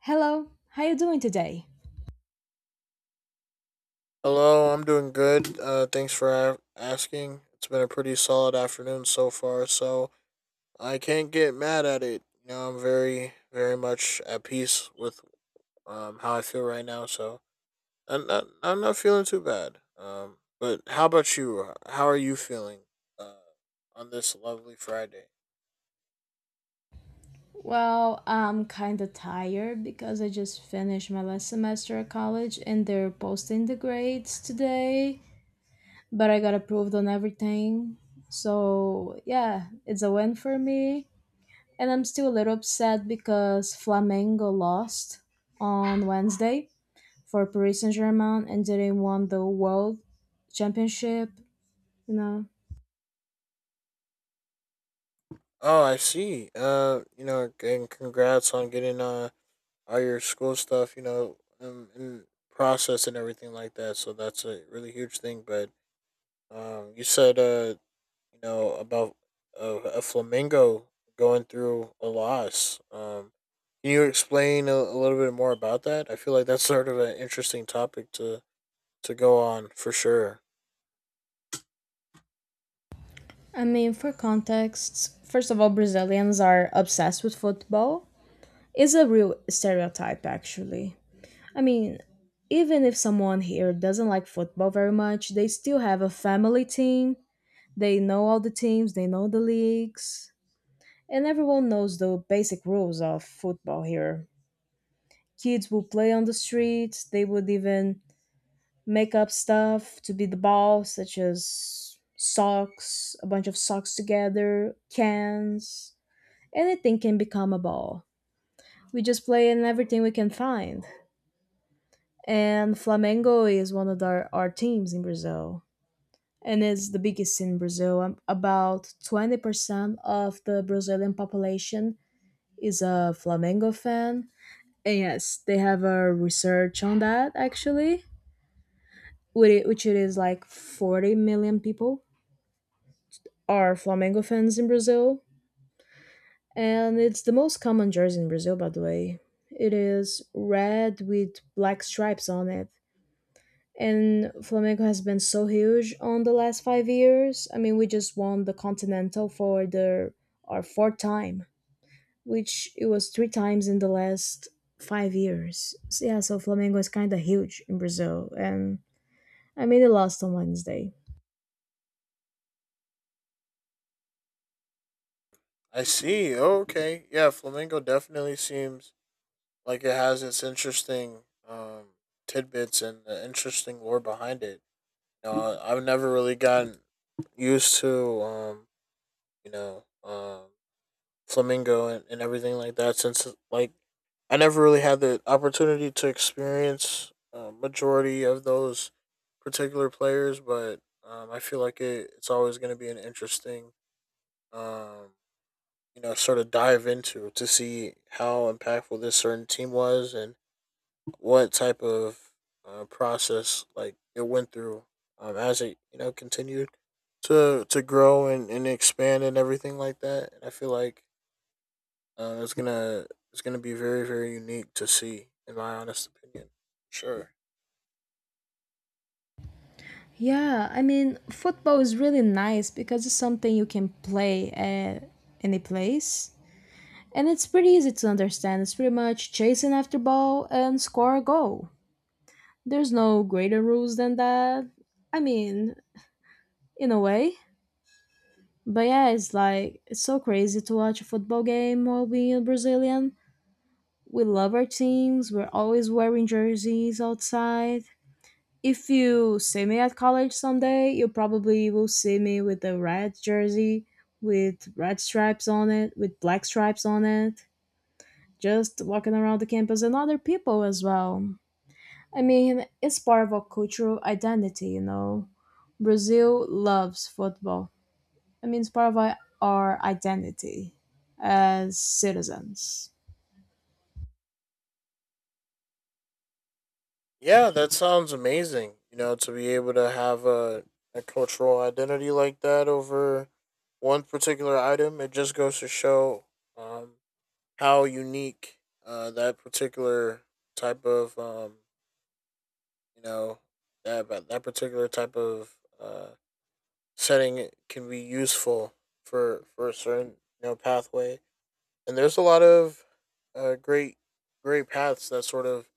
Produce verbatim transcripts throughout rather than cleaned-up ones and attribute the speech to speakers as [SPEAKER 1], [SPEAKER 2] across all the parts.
[SPEAKER 1] Hello, how you doing today?
[SPEAKER 2] Hello, I'm doing good. Uh, thanks for a- asking. It's been a pretty solid afternoon so far, so I can't get mad at it. You know, I'm very, very much at peace with um how I feel right now. So I'm not, I'm not feeling too bad. Um, but how about you? How are you feeling Uh, on this lovely Friday?
[SPEAKER 1] Well, I'm kinda tired because I just finished my last semester at college and they're posting the grades today, but I got approved on everything. So, yeah, it's a win for me. And I'm still a little upset because Flamengo lost on Wednesday for Paris Saint Germain and didn't won the world championship, you know.
[SPEAKER 2] Oh, I see. Uh, you know, and congrats on getting uh all your school stuff, you know, um, and process and everything like that. So that's a really huge thing. But um, you said, uh, you know, about a, a flamingo going through a loss. Um, can you explain a, a little bit more about that? I feel like that's sort of an interesting topic to to go on for sure.
[SPEAKER 1] I mean, for context, first of all, Brazilians are obsessed with football. It's a real stereotype, actually. I mean, even if someone here doesn't like football very much, they still have a family team. They know all the teams, they know the leagues, and everyone knows the basic rules of football here. Kids will play on the streets, they would even make up stuff to be the ball, such as socks, a bunch of socks together, cans. Anything can become a ball. We just play in everything we can find. And Flamengo is one of our, our teams in Brazil. And it's the biggest in Brazil. Um, About twenty percent of the Brazilian population is a Flamengo fan. And yes, they have a research on that actually, which it which it is like forty million people are Flamengo fans in Brazil. And it's the most common jersey in Brazil, by the way. It is red with black stripes on it. And Flamengo has been so huge on the last five years. I mean, we just won the Continental for the our fourth time, which it was three times in the last five years. So, yeah, so Flamengo is kind of huge in Brazil. And I mean, they lost on Wednesday.
[SPEAKER 2] I see. Okay. Yeah, flamingo definitely seems like it has its interesting um tidbits and the interesting lore behind it. You know, I've never really gotten used to um, you know, um flamingo and, and everything like that, since like I never really had the opportunity to experience uh, majority of those particular players, but um, I feel like it, it's always going to be an interesting um, you know sort of dive into to see how impactful this certain team was and what type of uh, process like it went through, um, as it you know continued to to grow and, and expand and everything like that. And I feel like uh, it's gonna it's gonna be very very unique to see, in my honest opinion. Sure.
[SPEAKER 1] Yeah, I mean, football is really nice because it's something you can play at any place. And it's pretty easy to understand. It's pretty much chasing after ball and score a goal. There's no greater rules than that. I mean, in a way. But yeah, it's like it's so crazy to watch a football game while being a Brazilian. We love our teams. We're always wearing jerseys outside. If you see me at college someday, you probably will see me with a red jersey with red stripes on it, with black stripes on it, just walking around the campus and other people as well. I mean, it's part of our cultural identity, you know. Brazil loves football. I mean, it's part of our our identity as citizens.
[SPEAKER 2] Yeah, that sounds amazing. You know, to be able to have a a cultural identity like that over one particular item, it just goes to show um, how unique uh, that particular type of um, you know that that particular type of uh, setting it can be useful for for a certain you know pathway, and there's a lot of uh, great great paths that sort of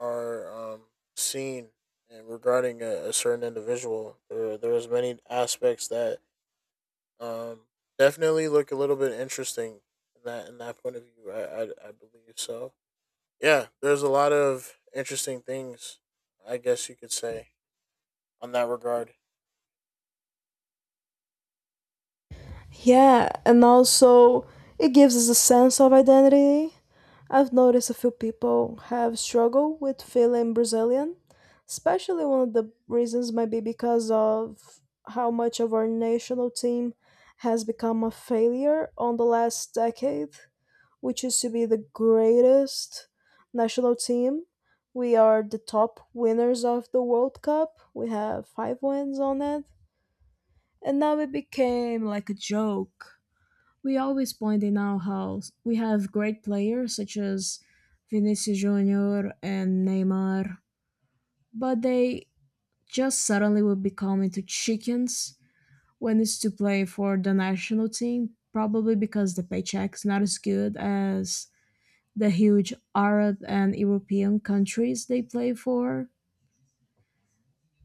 [SPEAKER 2] are, um, seen, and regarding a, a certain individual, there there's many aspects that um, definitely look a little bit interesting in that in that point of view. I, I, I believe so. Yeah, there's a lot of interesting things, I guess you could say, on that regard.
[SPEAKER 1] Yeah, and also it gives us a sense of identity. I've noticed a few people have struggled with feeling Brazilian, especially one of the reasons might be because of how much of our national team has become a failure on the last decade, which used to be the greatest national team. We are the top winners of the World Cup. We have five wins on it. And now it became like a joke we always point in our house. We have great players such as Vinicius Junior and Neymar, but they just suddenly will become into chickens when it's to play for the national team, probably because the paycheck's not as good as the huge Arab and European countries they play for.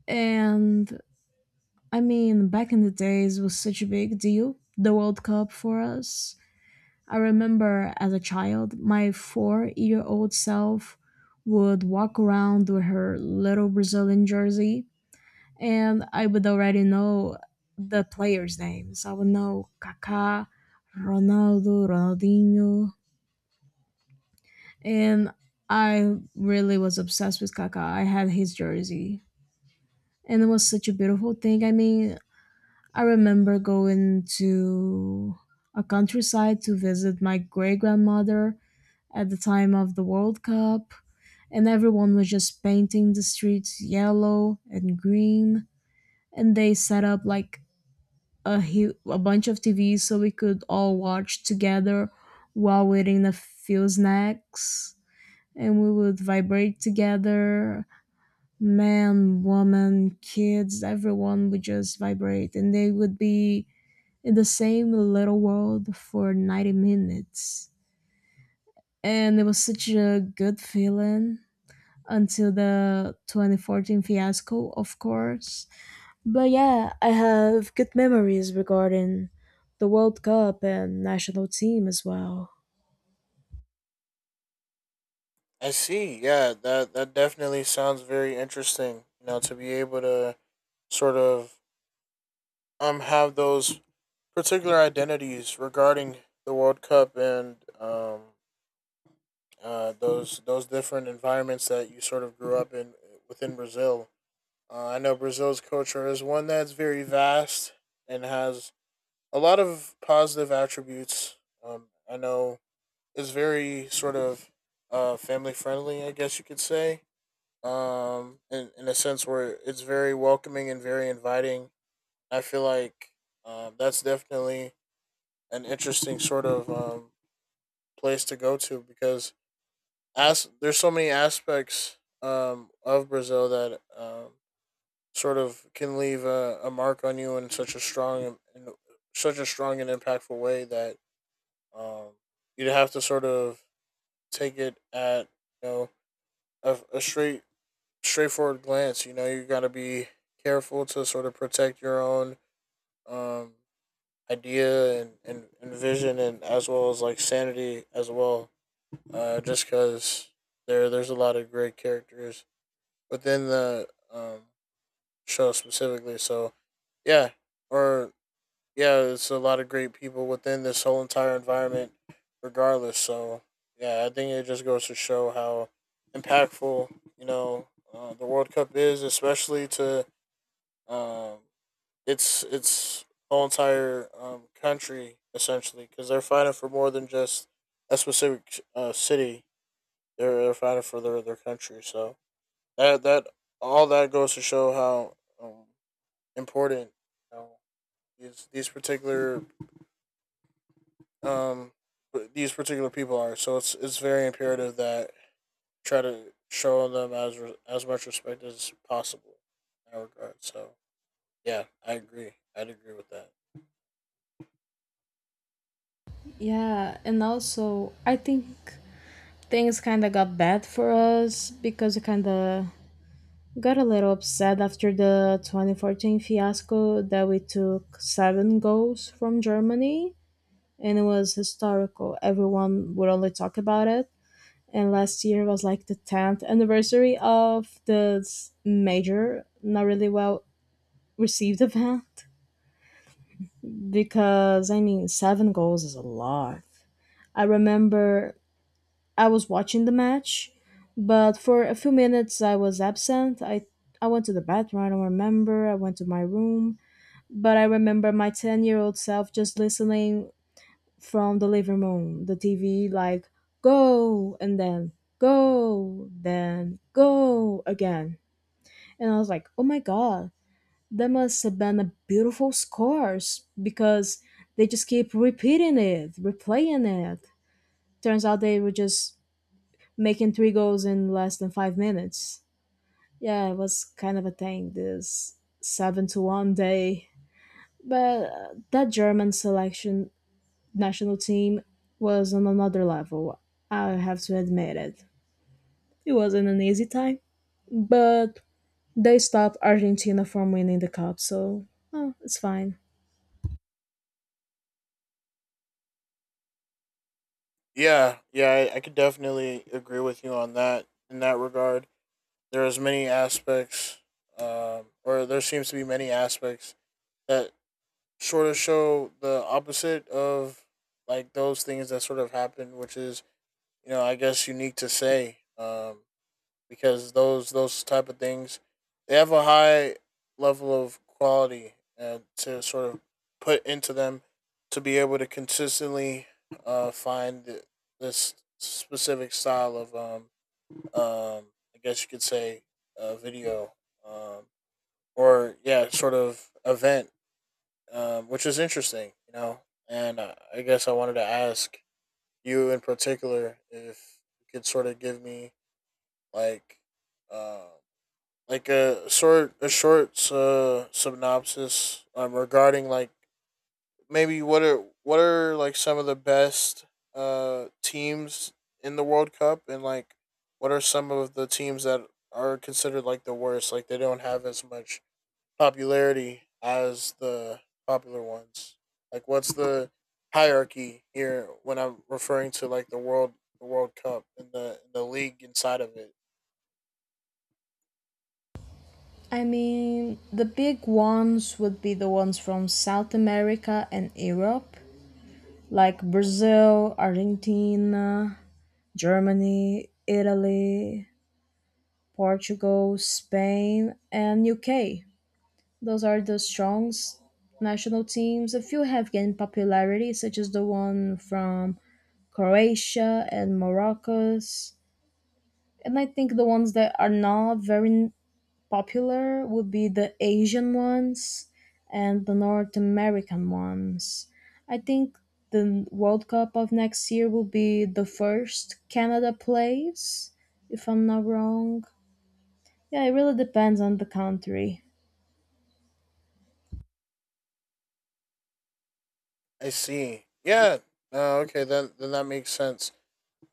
[SPEAKER 1] And I mean, back in the days was such a big deal, the World Cup for us. I remember as a child, my four year old self would walk around with her little Brazilian jersey, and I would already know the players' names. I would know Kaká, Ronaldo, Ronaldinho, and I really was obsessed with Kaká. I had his jersey, and it was such a beautiful thing. I mean, I remember going to a countryside to visit my great grandmother at the time of the World Cup, and everyone was just painting the streets yellow and green. And they set up like a hu- a bunch of T Vs so we could all watch together while waiting a few snacks, and we would vibrate together. Man, woman, kids, everyone would just vibrate, and they would be in the same little world for ninety minutes. And it was such a good feeling, until the twenty fourteen fiasco, of course. But yeah, I have good memories regarding the World Cup and national team as well.
[SPEAKER 2] I see. Yeah, that that definitely sounds very interesting. You know, to be able to sort of um have those particular identities regarding the World Cup, and um uh those those different environments that you sort of grew up in within Brazil. Uh, I know Brazil's culture is one that's very vast and has a lot of positive attributes. Um, I know it's very sort of uh family friendly, I guess you could say, um in, in a sense where it's very welcoming and very inviting. I feel like, um, that's definitely an interesting sort of, um, place to go to, because as there's so many aspects, um, of Brazil that, um, sort of can leave a, a mark on you in such a strong in such a strong and impactful way, that um, you'd have to sort of take it at, you know a, a straight straightforward glance. You know, you got to be careful to sort of protect your own, um, idea and, and, and vision, and as well as like sanity as well. Uh, just because there there's a lot of great characters within the, um, show specifically. So yeah, or yeah, it's a lot of great people within this whole entire environment, regardless. So yeah, I think it just goes to show how impactful, you know uh, the World Cup is, especially to. Um, it's it's whole entire, um, country essentially, because they're fighting for more than just a specific, uh, city. They're, they're fighting for their, their country. So that that all that goes to show how, um, important, you know, these these particular um these particular people are. So it's it's very imperative that try to show them as re- as much respect as possible in that regard. So yeah, I agree. I'd agree with that.
[SPEAKER 1] Yeah, and also I think things kind of got bad for us because we kind of got a little upset after the twenty fourteen fiasco that we took seven goals from Germany and it was historical. Everyone would only talk about it, and last year was like the tenth anniversary of this major not really well received event, because I mean seven goals is a lot. I remember I was watching the match, but for a few minutes I was absent. I i went to the bathroom, I don't remember, I went to my room. But I remember my ten year old self just listening from the living room the TV like go, and then go, then go again. And I was like, oh my god, that must have been a beautiful scores because they just keep repeating it, replaying it. Turns out they were just making three goals in less than five minutes. Yeah, it was kind of a thing, this seven to one day. But uh, that German selection national team was on another level. I have to admit it. It wasn't an easy time, but they stopped Argentina from winning the cup, so oh, it's fine.
[SPEAKER 2] Yeah, yeah, I, I could definitely agree with you on that. In that regard, there is many aspects, um, or there seems to be many aspects that sort of show the opposite of like those things that sort of happen, which is, you know, I guess unique to say. Um, because those those type of things, they have a high level of quality, uh, to sort of put into them to be able to consistently uh, find th- this specific style of, um, um, I guess you could say, uh, video, um, or yeah, sort of event, um, which is interesting, you know. And I, I guess I wanted to ask you in particular if you could sort of give me like, um. uh, like a short a short uh, synopsis, um, regarding like, maybe, what are what are like some of the best uh teams in the World Cup, and like what are some of the teams that are considered like the worst, like they don't have as much popularity as the popular ones. Like what's the hierarchy here when I'm referring to like the world the World Cup and the and the league inside of it.
[SPEAKER 1] I mean, the big ones would be the ones from South America and Europe, like Brazil, Argentina, Germany, Italy, Portugal, Spain, and U K. Those are the strong s- national teams. A few have gained popularity, such as the one from Croatia and Morocco's. And I think the ones that are not very popular would be the Asian ones and the North American ones. I think the World Cup of next year will be the first Canada plays, if I'm not wrong. Yeah, it really depends on the country.
[SPEAKER 2] I see. Yeah. No, okay. Then then that makes sense.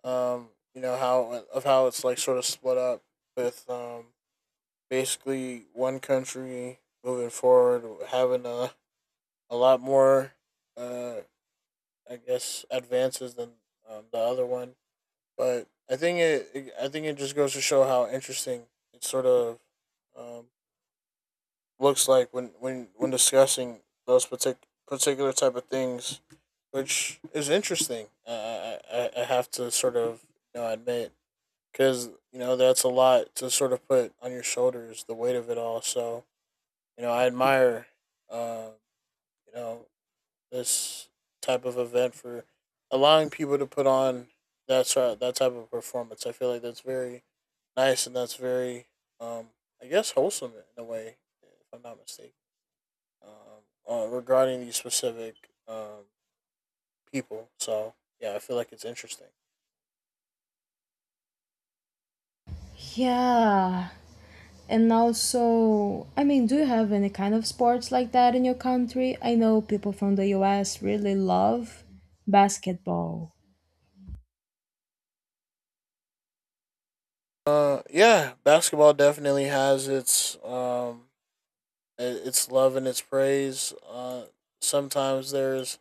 [SPEAKER 2] Um, you know how of how it's like sort of split up with, um basically one country moving forward having a a lot more, uh I guess, advances than, um, the other one. But I think it, it I think it just goes to show how interesting it's sort of, um looks like when when when discussing those partic- particular type of things, which is interesting. Uh, I I- I have to sort of, you know, admit, because, you know, that's a lot to sort of put on your shoulders, the weight of it all. So, you know, I admire, um, you know this type of event for allowing people to put on that sort that type of performance. I feel like that's very nice, and that's very, um, I guess, wholesome in a way, if I'm not mistaken, um, uh, regarding these specific, um, people. So yeah, I feel like it's interesting.
[SPEAKER 1] Yeah. And also, I mean, do you have any kind of sports like that in your country? I know people from the U S really love basketball.
[SPEAKER 2] Uh, yeah, basketball definitely has its, um, its love and its praise. Uh, sometimes there's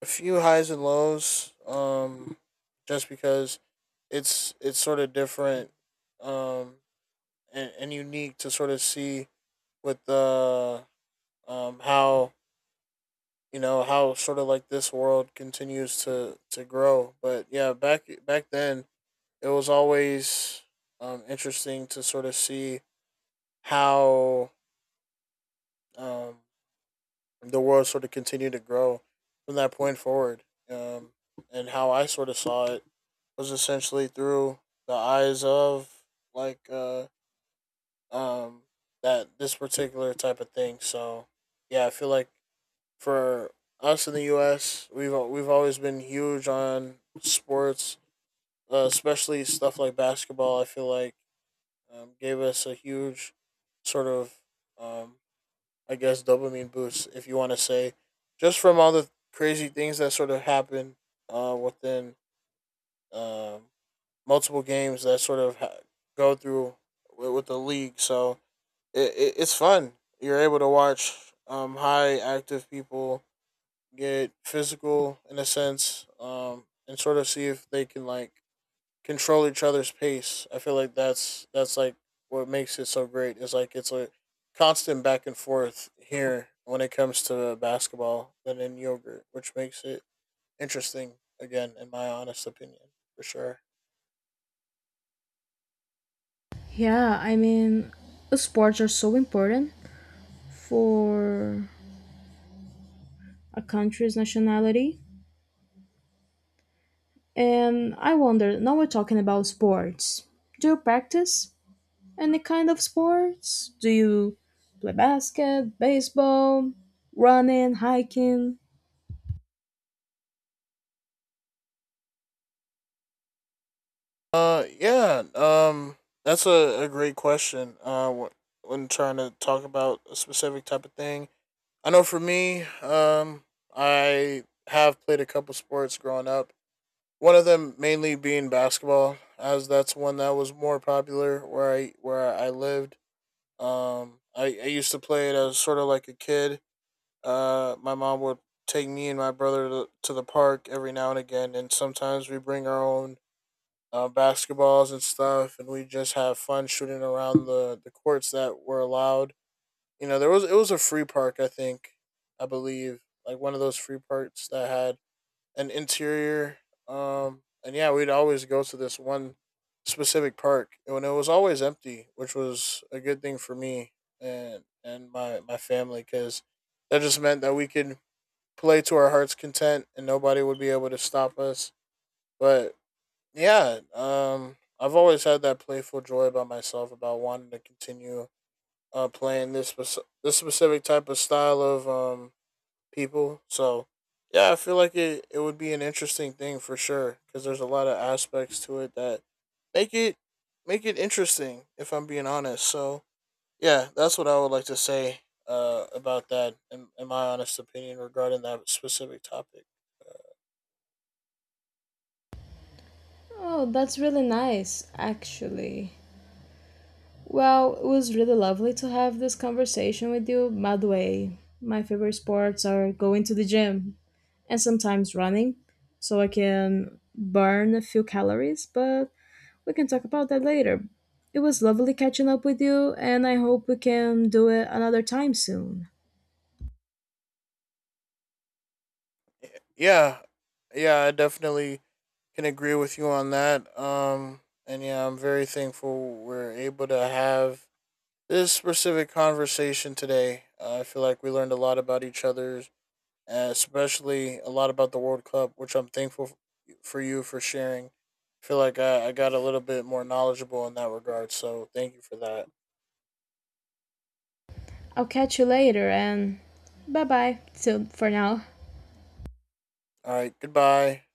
[SPEAKER 2] a few highs and lows. Um, just because it's it's sort of different, um, and, and unique to sort of see with the, uh, um, how, you know, how sort of like this world continues to to grow. But yeah, back back then it was always, um interesting to sort of see how, um the world sort of continued to grow from that point forward, um and how I sort of saw it was essentially through the eyes of like, uh um that this particular type of thing. So yeah, I feel like for us in the U S, we've we've always been huge on sports, uh, especially stuff like basketball. I feel like, um, gave us a huge sort of, um, I guess, dopamine boost, if you want to say, just from all the crazy things that sort of happen, uh, within, um, multiple games that sort of ha- go through with, with the league. So it, it, it's fun. You're able to watch, um, high active people get physical in a sense, um, and sort of see if they can like control each other's pace. I feel like that's that's like what makes it so great. Is like it's a constant back and forth here when it comes to basketball than in yogurt, which makes it interesting again, in my honest opinion, for sure.
[SPEAKER 1] Yeah, I mean, sports are so important for a country's nationality. And I wonder, now we're talking about sports. Do you practice any kind of sports? Do you play basket, baseball, running, hiking?
[SPEAKER 2] Uh, yeah. Um, that's a, a great question. Uh, wh- when trying to talk about a specific type of thing, I know for me, um, I have played a couple sports growing up. One of them mainly being basketball, as that's one that was more popular where I where I lived. Um, I, I used to play it as sort of like a kid. Uh, my mom would take me and my brother to, to the park every now and again, and sometimes we bring our own, uh, basketballs and stuff, and we just have fun shooting around the the courts that were allowed. You know, there was, it was a free park, I think, I believe, like one of those free parks that had an interior. Um, and yeah, we'd always go to this one specific park, and it was always empty, which was a good thing for me and and my my family, because that just meant that we could play to our heart's content, and nobody would be able to stop us. But yeah, um, I've always had that playful joy about myself about wanting to continue, uh, playing this spec- this specific type of style of, um people. So yeah, I feel like it it would be an interesting thing for sure, because there's a lot of aspects to it that make it make it interesting, if I'm being honest. So yeah, that's what I would like to say uh about that, in, in my honest opinion, regarding that specific topic.
[SPEAKER 1] Oh, that's really nice, actually. Well, it was really lovely to have this conversation with you, by the way. My favorite sports are going to the gym and sometimes running so I can burn a few calories, but we can talk about that later. It was lovely catching up with you, and I hope we can do it another time soon.
[SPEAKER 2] Yeah, yeah, I definitely can agree with you on that. Um, and yeah, I'm very thankful we're able to have this specific conversation today. Uh, I feel like we learned a lot about each other, uh, especially a lot about the World Cup, which I'm thankful f- for you for sharing. I feel like I, I got a little bit more knowledgeable in that regard, so thank you for that.
[SPEAKER 1] I'll catch you later, and bye bye so for now.
[SPEAKER 2] All right, goodbye.